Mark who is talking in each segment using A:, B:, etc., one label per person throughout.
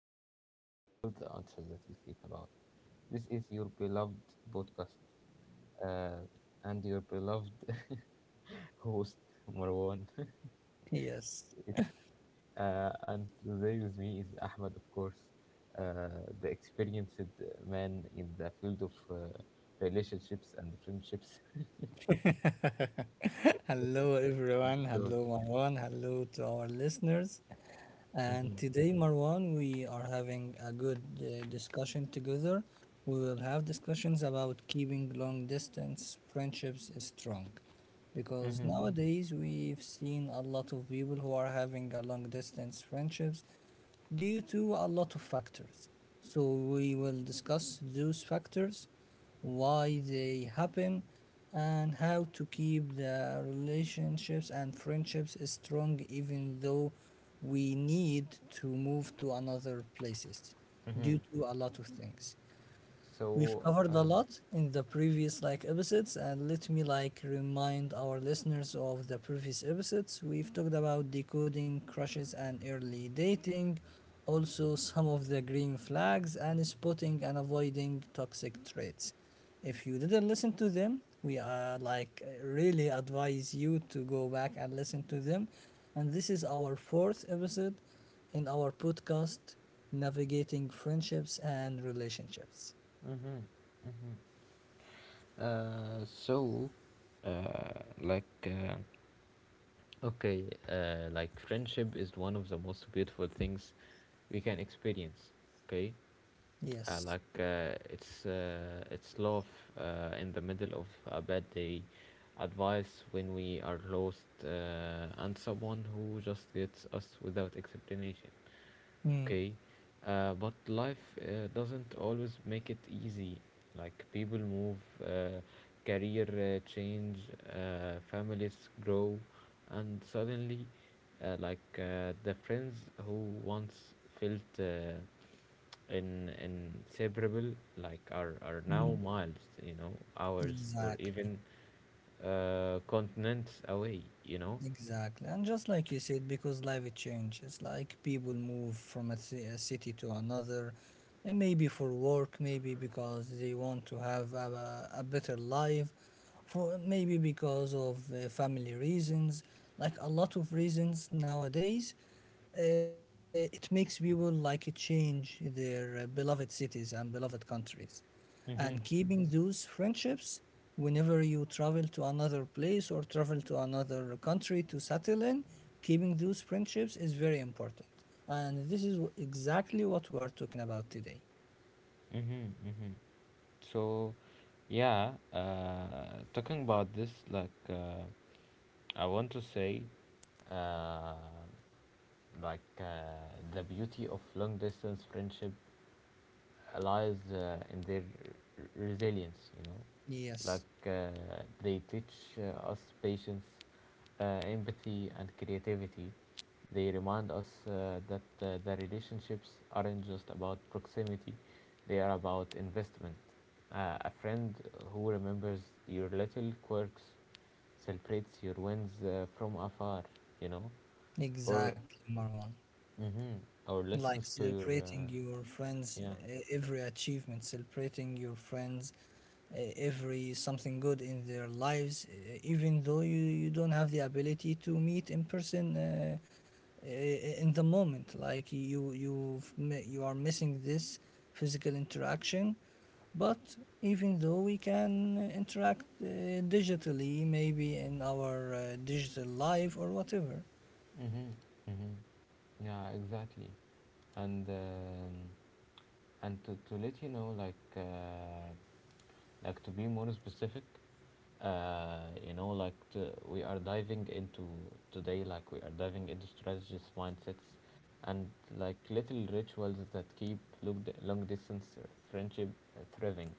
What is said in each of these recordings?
A: where you find all the answers that you seek about. This is your beloved podcast uh, and your beloved host, Marwan.
B: Yes.
A: it's And today with me is Ahmed, of course, the experienced man in the field of relationships and friendships.
B: Hello, everyone.
A: So,
B: Hello, Marwan. Hello to our listeners.
A: hmm
B: And today, Marwan, we are having a good discussion together. We will have discussions about keeping long distance friendships strong. Because
A: hmm
B: nowadays, we've seen a lot of people who are having a long distance friendships due to a lot of factors. So, we will discuss those factors, why they happen, and how to keep the relationships and friendships strong even though we need to move to another places due
A: hmm
B: to a lot of things. We've
A: so,
B: covered a lot in the previous like episodes, and let me like remind our listeners of the previous episodes. We've talked about decoding crushes and early dating, also some of the green flags and spotting and avoiding toxic traits. If you didn't listen to them, we are like really advise you to go back and listen to them. And this is our fourth episode in our podcast Navigating Friendships and Relationships.
A: mhm. Uh, so, uh, like, uh, Okay, friendship is one of the most beautiful things we can experience. Okay,
B: Yes.
A: it's love in the middle of a bad day, advice when we are lost, and someone who just gets us without explanation.
B: Mm.
A: Okay, but life doesn't always make it easy. Like people move, uh, career change, families grow, and suddenly, the friends who once felt in inseparable, like are now miles, you know, hours or
B: Exactly.
A: even continents away, you know.
B: Exactly, and just like you said, because life it changes, like people move from a, a city to another, and maybe for work, maybe because they want to have a better life, for maybe because of family reasons, like a lot of reasons nowadays. It makes people like change their beloved cities and beloved countries, and
A: Mm-hmm.
B: keeping those friendships whenever you travel to another place or travel to another country to settle in, keeping those friendships is very important. And this is exactly what we are talking about today.
A: Mm-hmm. Mm-hmm. So, yeah, talking about this, I want to say, uh, like, uh, the beauty of long distance friendship lies in their resilience, you know.
B: Yes,
A: Like they teach us patience, empathy, and creativity. They remind us that the relationships aren't just about proximity, they are about investment. A friend who remembers your little quirks celebrates your wins from afar, you know, or,
B: exactly, Marwan.
A: mm-hmm, or
B: Like
A: listens to your,
B: celebrating your friends,
A: yeah.
B: eh, every achievement, celebrating your friends, eh, every something good in their lives, eh, even though you don't have the ability to meet in person, in the moment, like you are missing this physical interaction. But even though we can interact digitally, maybe in our digital life or whatever.
A: Mm-hmm. Mm-hmm. Yeah, exactly. And um, and to let you know, like to be more specific, uh, to, we are diving into today, like we are diving into strategies, mindsets, and like little rituals that keep long distance friendship thriving.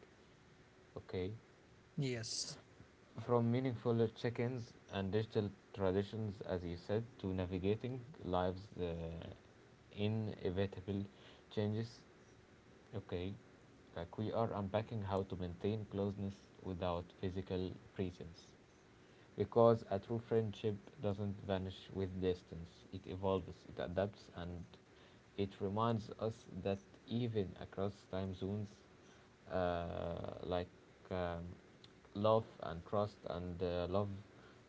A: Okay,
B: Yes,
A: from meaningful check-ins and digital traditions, as you said, to navigating lives. Inevitable changes. Okay, like we are unpacking how to maintain closeness without physical presence. Because a true friendship doesn't vanish with distance, it evolves, it adapts, and it reminds us that even across time zones, uh, like um, love and trust and love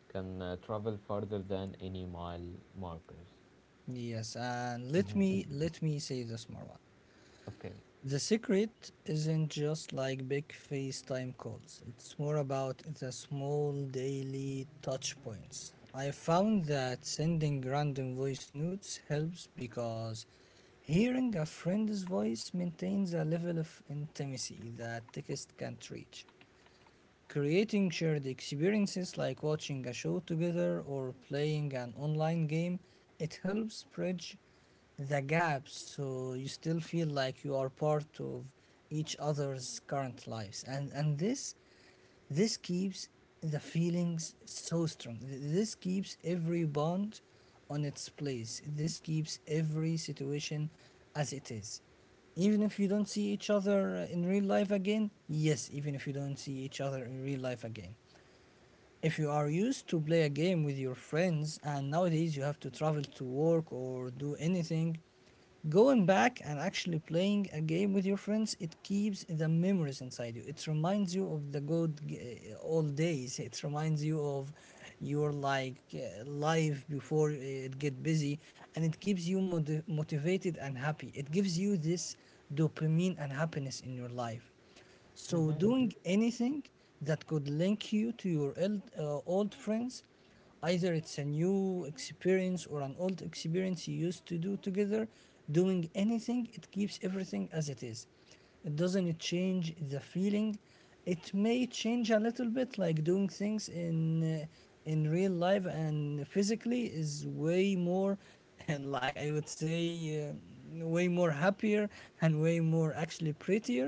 A: can travel further than any mile markers.
B: yes, and let
A: hmm
B: me let me say this, Marwan.
A: Okay.
B: The secret isn't just like big FaceTime calls. It's more about the small daily touch points. I found that sending random voice notes helps, because hearing a friend's voice maintains a level of intimacy that text can't reach. Creating shared experiences, like watching a show together or playing an online game, it helps bridge the gaps so you still feel like you are part of each other's current lives. And this keeps the feelings so strong. This keeps every bond on its place. This keeps every situation as it is, even if you don't see each other in real life again. Yes, even if you don't see each other in real life again, if you are used to play a game with your friends and nowadays you have to travel to work or do anything, going back and actually playing a game with your friends, it keeps the memories inside you. It reminds you of the good old days. It reminds you of your like life before, eh, it get busy, and it keeps you motivated and happy. It gives you this dopamine and happiness in your life. So,
A: Mm-hmm.
B: doing anything that could link you to your old, old friends, either it's a new experience or an old experience you used to do together, doing anything, it keeps everything as it is. It doesn't change the feeling. It may change a little bit. Like doing things uh, in real life and physically is way more, like I would say, way more happier and way more actually prettier,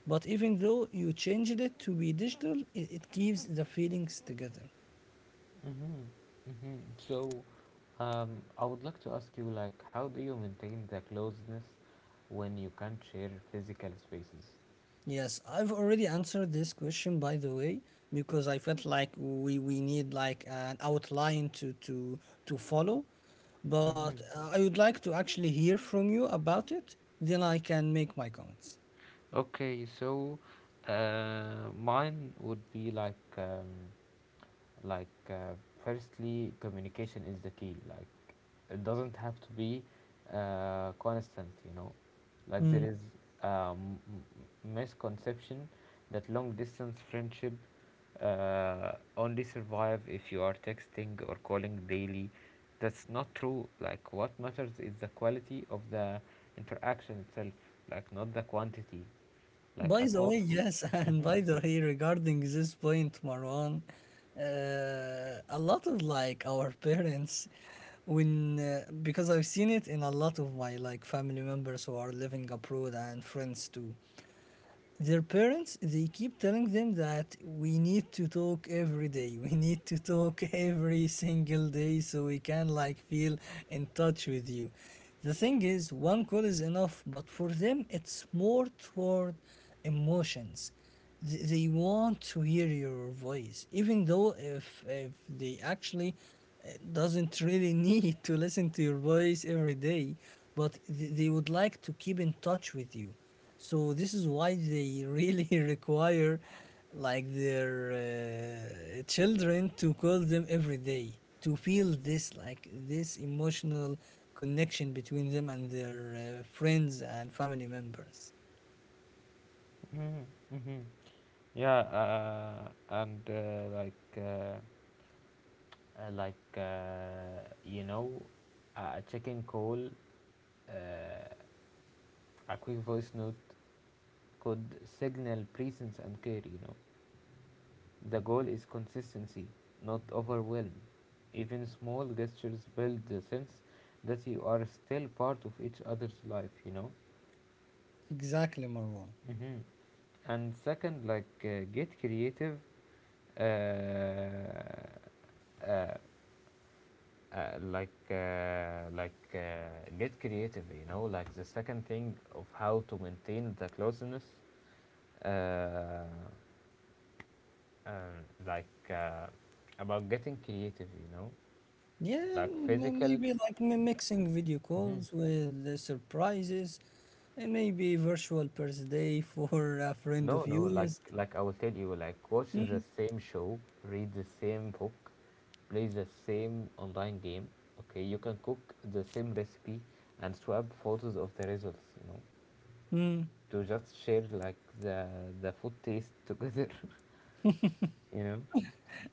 B: but even though you changed it to be digital, it keeps the feelings together.
A: Mm-hmm. Mm-hmm. So, I would like to ask you, like, how do you maintain the closeness when you can't share physical spaces?
B: Yes, I've already answered this question, by the way, because I felt like we need like an outline to follow. But I would like to actually hear from you about it, then I can make my comments.
A: Okay, so, mine would be like, like uh, firstly communication is the key, like it doesn't have to be constant, you know. Like there is a misconception that long distance friendship only survive if you are texting or calling daily. That's not true. Like what matters is the quality of the interaction itself, like not the quantity, like
B: By
A: a
B: the way,
A: thoughtful.
B: yes, and by the way, regarding this point, Marwan, a lot of like our parents, when because I've seen it in a lot of my like family members who are living abroad and friends too, their parents, they keep telling them that we need to talk every day, we need to talk every single day, so we can like feel in touch with you. The thing is, one call is enough, but for them it's more toward emotions. They want to hear your voice, even though if they actually doesn't really need to listen to your voice every day. But they would like to keep in touch with you. So this is why they really require like their children to call them every day, to feel this like this emotional connection between them and their friends and family members.
A: Mhm, mhm. Yeah, and like you know, a chicken call, uh, a quick voice note could signal presence and care. You know, the goal is consistency, not overwhelm. Even small gestures build the sense that you are still part of each other's life. You know.
B: Exactly, Marwan.
A: Mhm. And second, get creative, uh, uh, get creative. You know, like the second thing of how to maintain the closeness, uh, um, like uh, about getting creative. You know,
B: Yeah,
A: like physical.
B: maybe like mixing video
A: Mhm.
B: calls with surprises, and maybe virtual birthday for a friend
A: No,
B: of
A: no,
B: yours.
A: like I will tell you, like watch the same show, read the same book, play the same online game. Okay, you can cook the same recipe and swap photos of the results, you know,
B: Hmm.
A: to just share like the food taste together, you know.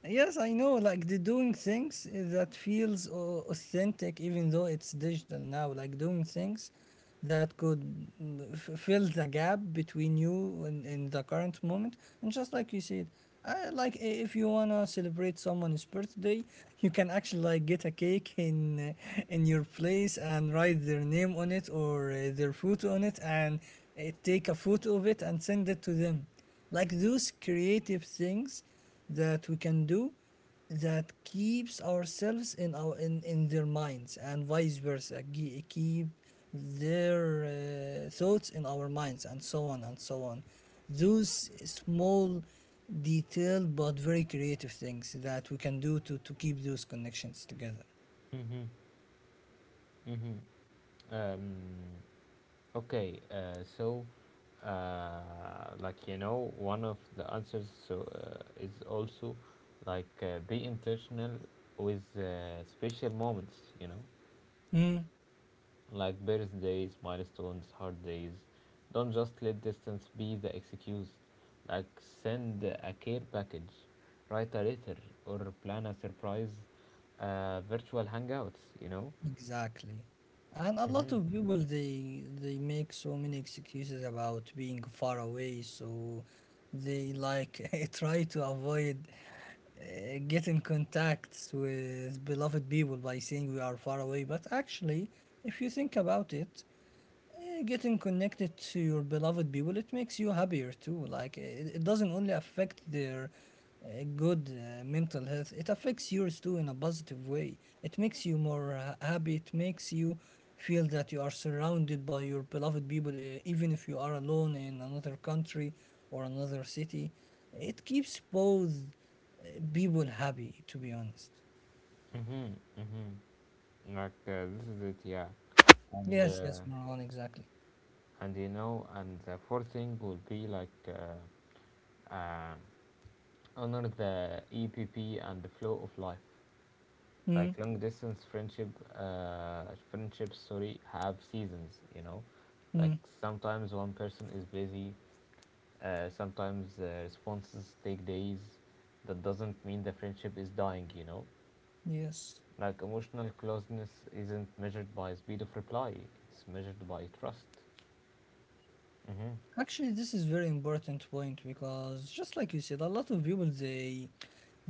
B: Yes, I know. Like the doing things that feels authentic, even though it's digital now. Like doing things that could mm, fill the gap between you and the current moment. And just like you said, I, like, if you wanna celebrate someone's birthday, you can actually like get a cake in your place and write their name on it or their photo on it, and take a photo of it and send it to them, like those creative things that we can do, that keeps ourselves in our in their minds and vice versa. Keep their thoughts in our minds and so on and so on, those small detailed but very creative things that we can do to keep those connections together.
A: Mm-hmm. Mm-hmm. Um, okay, you know, one of the answers is also be intentional with special moments. You know,
B: Mm.
A: like birthdays, milestones, hard days. Don't just let distance be the excuse. Like send a care package, write a letter, or plan a surprise virtual hangouts. You know.
B: Exactly. And a lot
A: hmm
B: of people, they make so many excuses about being far away, so they like try to avoid get in contacts with beloved people by saying we are far away. But actually, if you think about it, eh, getting connected to your beloved people, it makes you happier too. Like it doesn't only affect their good mental health, it affects yours too in a positive way. It makes you more happy, it makes you feel that you are surrounded by your beloved people, even if you are alone in another country or another city. It keeps both uh, people happy, to be honest.
A: Mm-hmm, mm-hmm. Like this is it, yeah. And
B: Yes, yes,
A: uh,
B: Marwan, exactly.
A: and you know, and the fourth thing would be like um honor the EPP and the flow of life. Like
B: Mm,
A: long distance friendship, uh, friendships, sorry, have seasons. You know, like
B: mm,
A: sometimes one person is busy. Sometimes responses take days. That doesn't mean the friendship is dying. You know,
B: yes.
A: like emotional closeness isn't measured by speed of reply. It's measured by trust. Mm-hmm.
B: Actually, this is very important point, because just like you said, a lot of people, they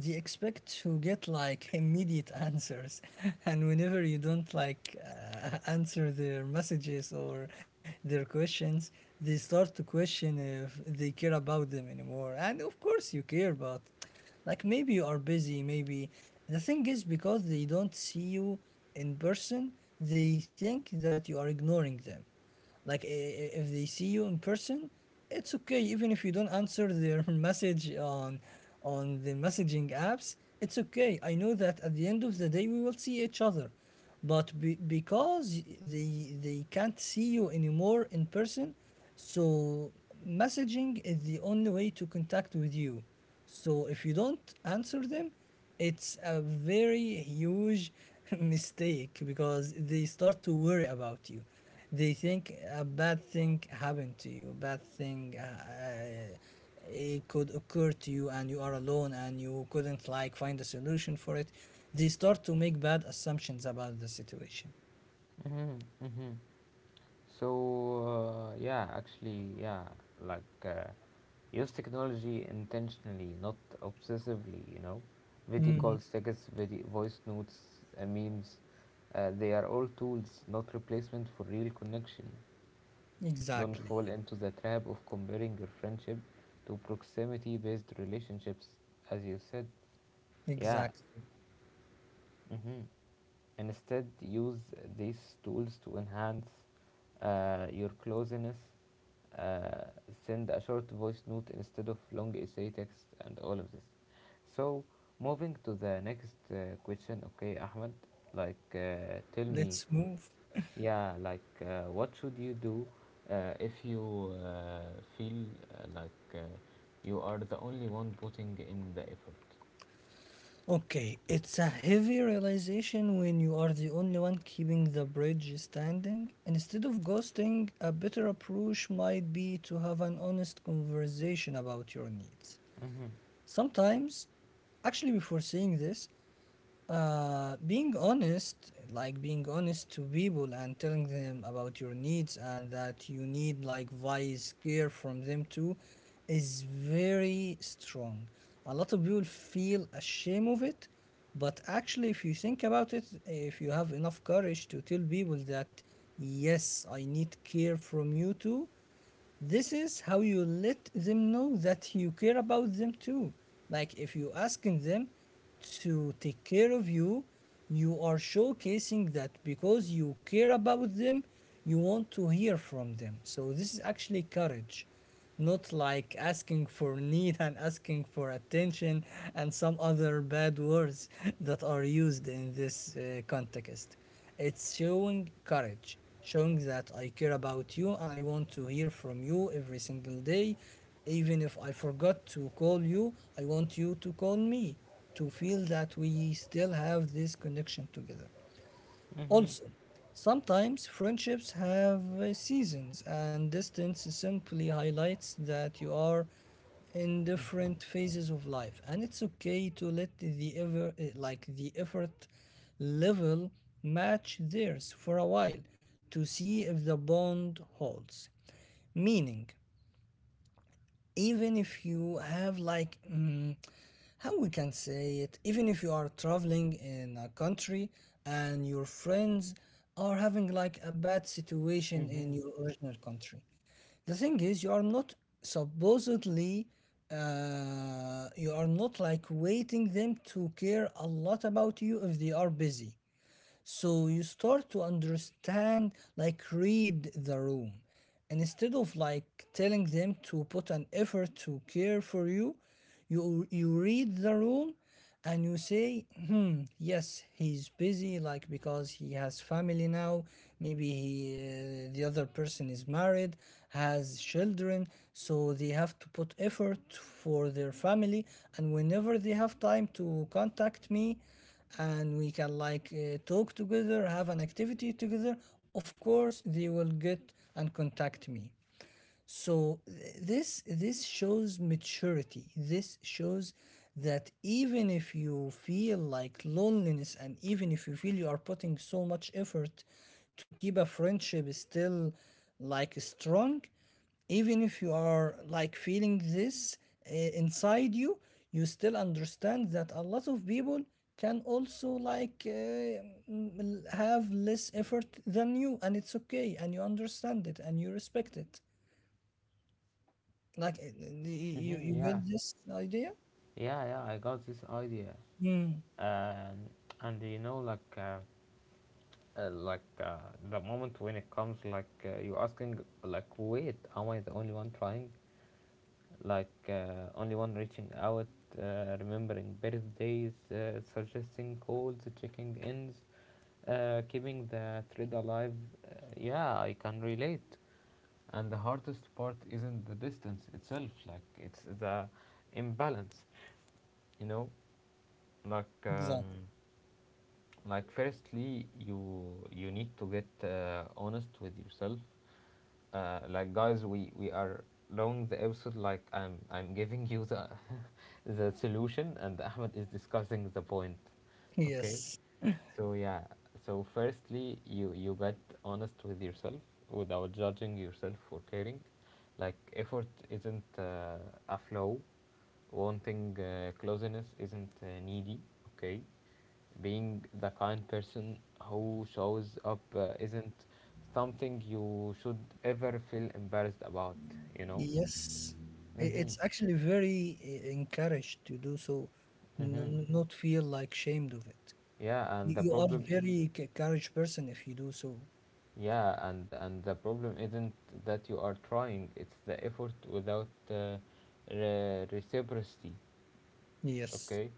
B: they expect to get like immediate answers, and whenever you don't like answer their messages or their questions, they start to question if they care about them anymore. And of course, you care, but like maybe you are busy. Maybe the thing is, because they don't see you in person, they think that you are ignoring them. Like if they see you in person, it's okay. Even if you don't answer their message on the messaging apps, it's okay. I know that at the end of the day we will see each other, but because they can't see you anymore in person, so messaging is the only way to contact with you. So if you don't answer them, it's a very huge mistake because they start to worry about you. They think a bad thing happened to you. Bad thing, it could occur to you, and you are alone, and you couldn't like find a solution for it. They start to make bad assumptions about the situation.
A: Mm-hmm. Mm-hmm. So yeah, actually, yeah, like use technology intentionally, not obsessively. You know, video
B: Mhm.
A: calls, tickets, video, voice notes, memes. They are all tools, not replacement for real connection. Don't
B: Exactly.
A: fall into the trap of comparing your friendship to proximity-based relationships, as you said. Yeah.
B: Exactly.
A: hmm Instead, use these tools to enhance your closeness. Uh, Send a short voice note instead of long essay text and all of this. So, moving to the next question, okay, Ahmed, tell me,
B: Let's move.
A: yeah, what should you do if you feel like you are the only one putting in the effort?
B: Okay, it's a heavy realization when you are the only one keeping the bridge standing. Instead of ghosting, a better approach might be to have an honest conversation about your needs.
A: Mm-hmm.
B: Sometimes, actually, before saying this, being honest, like being honest to people and telling them about your needs and that you need like wise care from them too, is very strong. A lot of people feel ashamed of it, but actually, if you think about it, if you have enough courage to tell people that, yes, I need care from you too, this is how you let them know that you care about them too. Like if you asking them to take care of you, you are showcasing that because you care about them, you want to hear from them. So this is actually courage, not like asking for need and asking for attention and some other bad words that are used in this context. It's showing courage, showing that I care about you and I want to hear from you every single day. Even if I forgot to call you, I want you to call me to feel that we still have this connection together.
A: Mm-hmm.
B: Also, sometimes friendships have seasons, and distance simply highlights that you are in different phases of life, and it's okay to let like the effort level match theirs for a while to see if the bond holds. Meaning, even if you have how we can say it, even if you are traveling in a country and your friends are having like a bad situation
A: Mm-hmm.
B: in your original country, the thing is you are not supposedly, you are not like waiting them to care a lot about you if they are busy, so you start to understand, like, read the room. And instead of like telling them to put an effort to care for you, you read the room and you say, hmm, yes, he's busy, like because he has family now. Maybe the other person is married, has children, so they have to put effort for their family. And whenever they have time to contact me, and we can talk together, have an activity together, of course they will get and contact me. So this shows maturity. This shows that even if you feel like loneliness, and even if you feel you are putting so much effort to keep a friendship still like strong, even if you are like feeling this inside you, you still understand that a lot of people can also have less effort than you, and it's okay, and you understand it and you respect it. You
A: Mm-hmm.
B: get
A: Yeah.
B: this idea?
A: Yeah, yeah, I got this idea.
B: Mm,
A: And and you know, uh, like uh, the moment when it comes, like you asking like, wait, am I the only one trying? Like only one reaching out, remembering birthdays, suggesting calls, checking ins, keeping the thread alive. Yeah, I can relate. And the hardest part isn't the distance itself, like it's the imbalance, you know, like.
B: exactly.
A: Like firstly you need to get honest with yourself. Like guys, we are long the episode, like I'm giving you the the solution, and Ahmed is discussing the point, okay.
B: Yes,
A: So yeah, so firstly you get honest with yourself without judging yourself or caring. Like effort isn't a flow, wanting closeness isn't needy, okay. Being the kind person who shows up isn't something you should ever feel embarrassed about, you know.
B: yes.
A: Mm-hmm.
B: It's actually very encouraged to do so,
A: Mm-hmm.
B: not feel like shamed of it.
A: Yeah, and
B: You
A: the
B: you are
A: problem
B: very courage person if you do so.
A: yeah, and the problem isn't that you are trying, it's the effort without reciprocity,
B: Yes.
A: okay.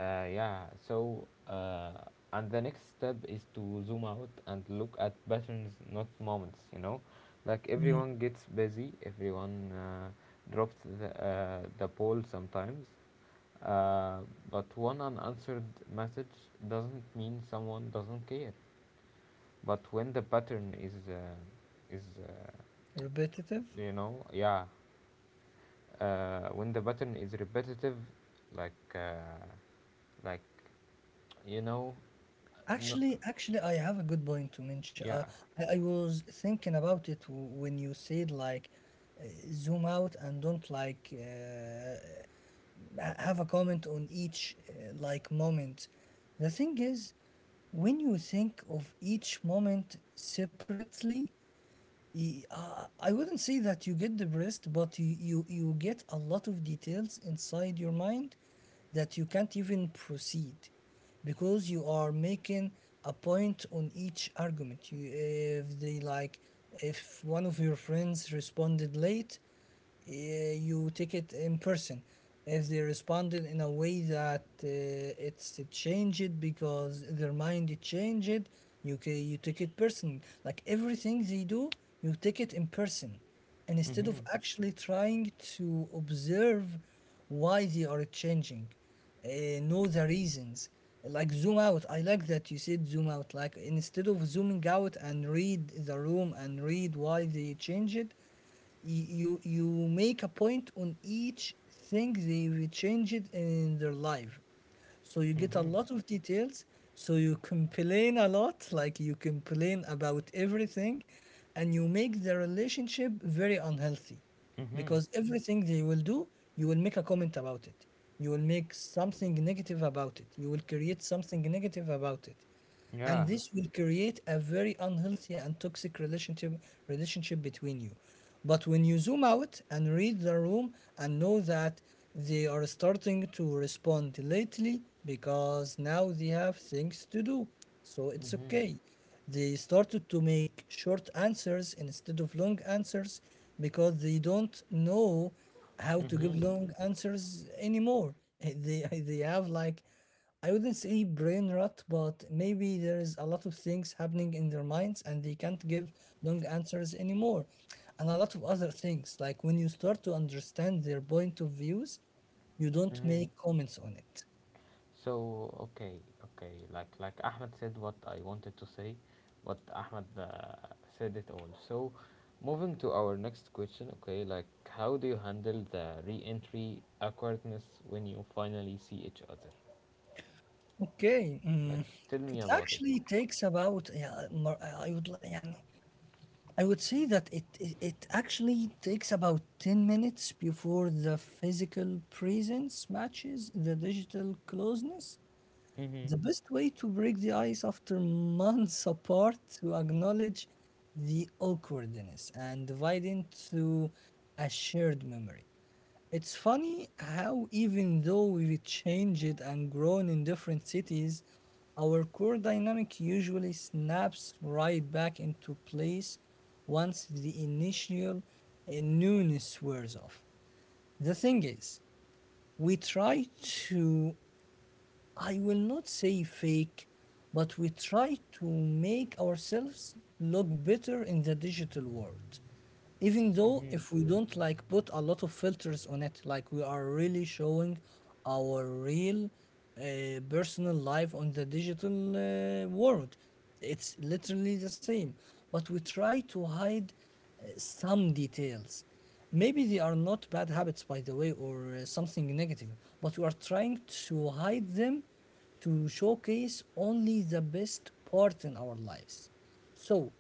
A: Yeah, and the next step is to zoom out and look at patterns, not moments, you know. Like
B: Mm.
A: everyone gets busy, everyone drops the ball sometimes, uh, but one unanswered message doesn't mean someone doesn't care. But when the pattern is, is uh,
B: Repetitive.
A: you know, yeah, when the pattern is repetitive, like, uh, like you know, no,
B: Actually, I have a good point to mention.
A: yeah.
B: I was thinking about it when you said like uh, zoom out and don't have a comment on each like moment. The thing is, when you think of each moment separately, I wouldn't say that you get depressed, but you get a lot of details inside your mind that you can't even proceed because you are making a point on each argument. You, if they like, if one of your friends responded late, you take it in person. If they responded in a way that it's it changed because their mind it changed, you take it personally. Like everything they do, you take it in person, and instead of
A: Mhm.
B: actually trying to observe why they are changing, know the reasons. Like zoom out. I like that you said zoom out. Like instead of zooming out and read the room and read why they change it, Y- you you make a point on each thing they will change it in their life, so you get a
A: Mhm.
B: lot of details, so you complain a lot, like you complain about everything, and you make the relationship very unhealthy
A: Mhm.
B: because everything they will do, you will make a comment about it, you will make something negative about it, you will create something negative about it, and
A: Yeah.
B: this will create a very unhealthy and toxic relationship between you. But when you zoom out and read the room and know that they are starting to respond lately because now they have things to do, so it's
A: Mhm.
B: okay, they started to make short answers instead of long answers because they don't know how to give
A: Mhm.
B: long answers anymore. they they have like, I wouldn't say brain rot, but maybe there is a lot of things happening in their minds and they can't give long answers anymore. And a lot of other things, like when you start to understand their point of views, you don't
A: Mhm.
B: make comments on it.
A: So okay, okay. Like Ahmed said what I wanted to say, what Ahmed said it all. So, moving to our next question. Okay, like how do you handle the re-entry awkwardness when you finally see each other?
B: Okay.
A: Like,
B: Mm,
A: tell me
B: it
A: about it.
B: actually takes about, yeah, I would yeah, I would say that it actually takes about 10 minutes before the physical presence matches the digital closeness.
A: Mhm.
B: The best way to break the ice after months apart to acknowledge the awkwardness and divide into a shared memory. It's funny how, even though we've changed and grown in different cities, our core dynamic usually snaps right back into place once the initial newness wears off. The thing is, we try to, I will not say fake, but we try to make ourselves look better in the digital world. Even though
A: Mhm.
B: if we don't like put a lot of filters on it, like we are really showing our real personal life on the digital world. It's literally the same, but we try to hide some details. Maybe they are not bad habits, by the way, or something negative, but we are trying to hide them to showcase only the best part in our lives. So,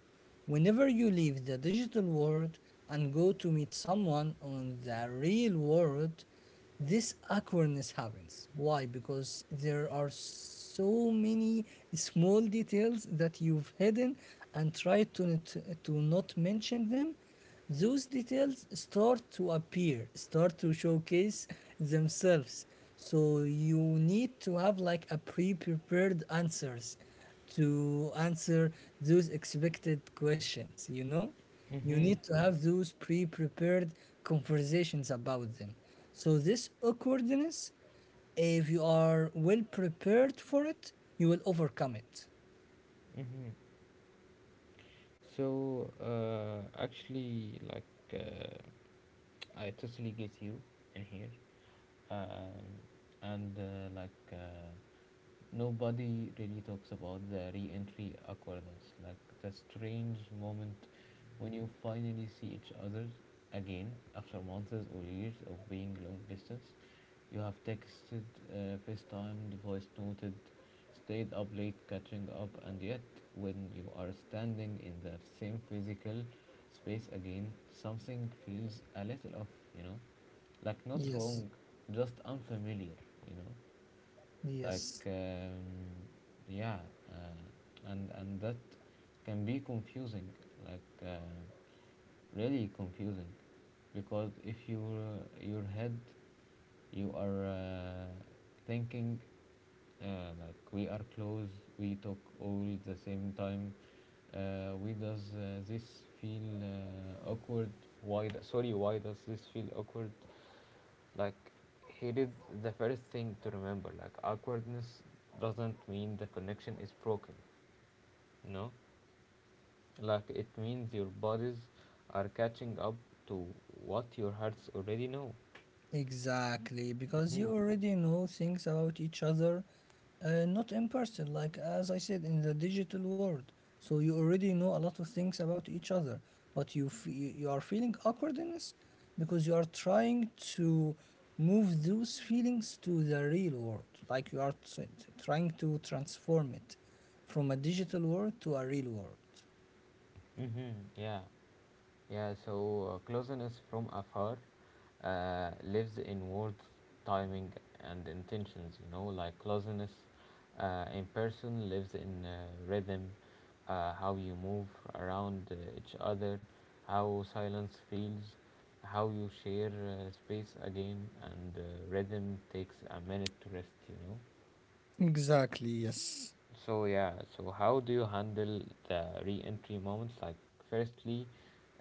B: whenever you leave the digital world and go to meet someone on the real world, this awkwardness happens. Why? Because there are so many small details that you've hidden and tried to not mention them. Those details start to appear, start to showcase themselves, so you need to have like a pre-prepared answers to answer those expected questions. You
A: Mhm.
B: need to have those pre-prepared conversations about them, so this awkwardness, if you are well prepared for it, you will overcome it.
A: Mhm. So actually, like I totally get you in here, um, and like nobody really talks about the re-entry awkwardness, like the strange moment when you finally see each other again after months or years of being long distance. You have texted, FaceTimed, voice noted, stayed up late catching up, and yet when you are standing in the same physical space again, something feels a little off, you know, like not
B: Yes,
A: wrong, just unfamiliar, you know,
B: yes.
A: like um, yeah, and that can be confusing, like really confusing, because if your head, you are thinking like we are close, we talk all the same time, we does this feel awkward why do- sorry why does this feel awkward? Like here is the first thing to remember, like awkwardness doesn't mean the connection is broken, no. Like it means your bodies are catching up to what your hearts already know.
B: Exactly, because
A: Mm-hmm.
B: you already know things about each other, not in person, like as I said, in the digital world. So you already know a lot of things about each other, but you are feeling awkwardness because you are trying to move those feelings to the real world. Like you are trying to transform it from a digital world to a real world.
A: Mm-hmm. Yeah. Yeah, so closeness from afar lives in words, timing, and intentions. You know, like closeness in person lives in rhythm, how you move around each other, how silence feels, how you share space again, and rhythm takes a minute to rest, you know.
B: Exactly, yes.
A: So yeah, so how do you handle the re-entry moments? Like, firstly,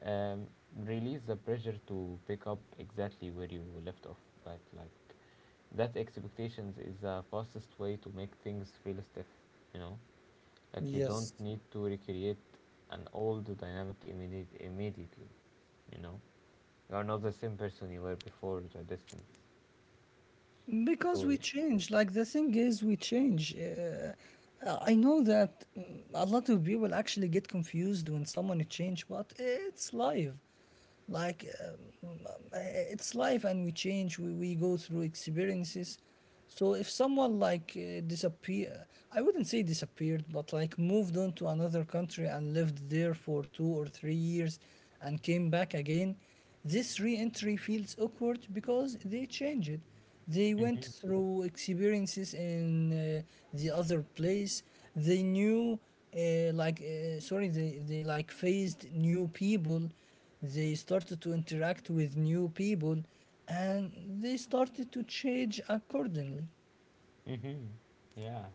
A: um, release the pressure to pick up exactly where you left off. Like that expectations is the fastest way to make things feel stiff. You know, like you don't
B: Yes.
A: need to recreate an old dynamic immediately. You know, you are not the same person you were before the distance.
B: Because
A: So
B: we
A: yeah.
B: change. Like the thing is, we change. I know that, mm, a lot of people actually get confused when someone change, but it's life. Like um, um, uh, it's life, and we change. We go through experiences. So if someone disappear, I wouldn't say disappeared, but like moved on to another country and lived there for 2 or 3 years, and came back again, this re-entry feels awkward because they changed. They went
A: Mhm.
B: through experiences in the other place. They knew, sorry, they like faced new people. They started to interact with new people and they started to change accordingly.
A: Mhm. Yeah.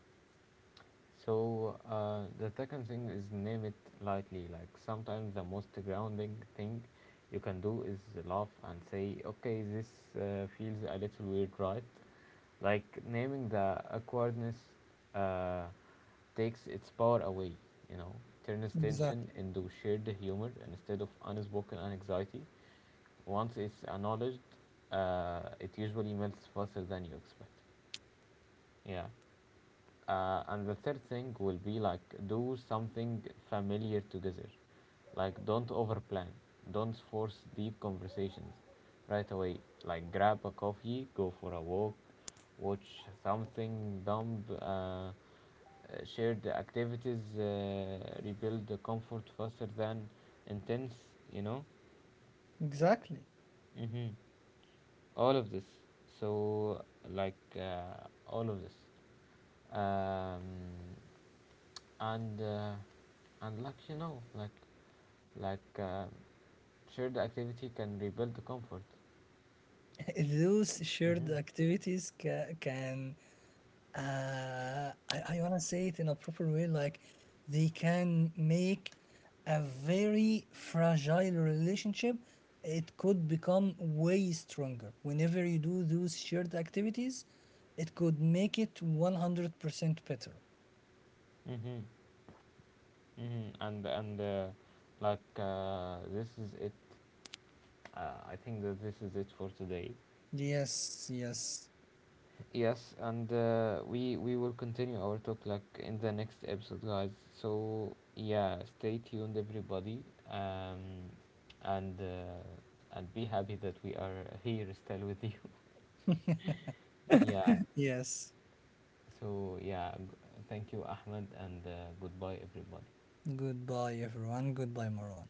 A: So the second thing is name it lightly. Like sometimes the most grounding thing you can do is laugh and say, "Okay, this feels a little weird, right?" Like naming the awkwardness uh, takes its power away. You know, turns tension
B: Exactly.
A: into shared humor instead of unspoken anxiety. Once it's acknowledged, it usually melts faster than you expect. Yeah. And the third thing will be like do something familiar together. Like don't overplan. Don't force deep conversations right away. Like grab a coffee, go for a walk, watch something dumb. Shared activities rebuild the comfort faster than intense. You know,
B: Exactly.
A: hmm all of this. So like uh, all of this, um, and. Uh, and like you know, like um, shared activity can rebuild the comfort.
B: Those shared
A: Mm-hmm.
B: activities can, I want to say it in a proper way, like they can make a very fragile relationship. It could become way stronger. Whenever you do those shared activities, it could make it 100% better.
A: Mm-hmm. Mm-hmm. And like this is it. I think that this is it for today.
B: Yes, yes,
A: Yes, and we will continue our talk like in the next episode, guys. So yeah, stay tuned, everybody. um and uh, and be happy that we are here still with you. Yeah.
B: yes.
A: So yeah, thank you, Ahmed, and goodbye, everybody.
B: Goodbye, everyone. Goodbye, Marwan.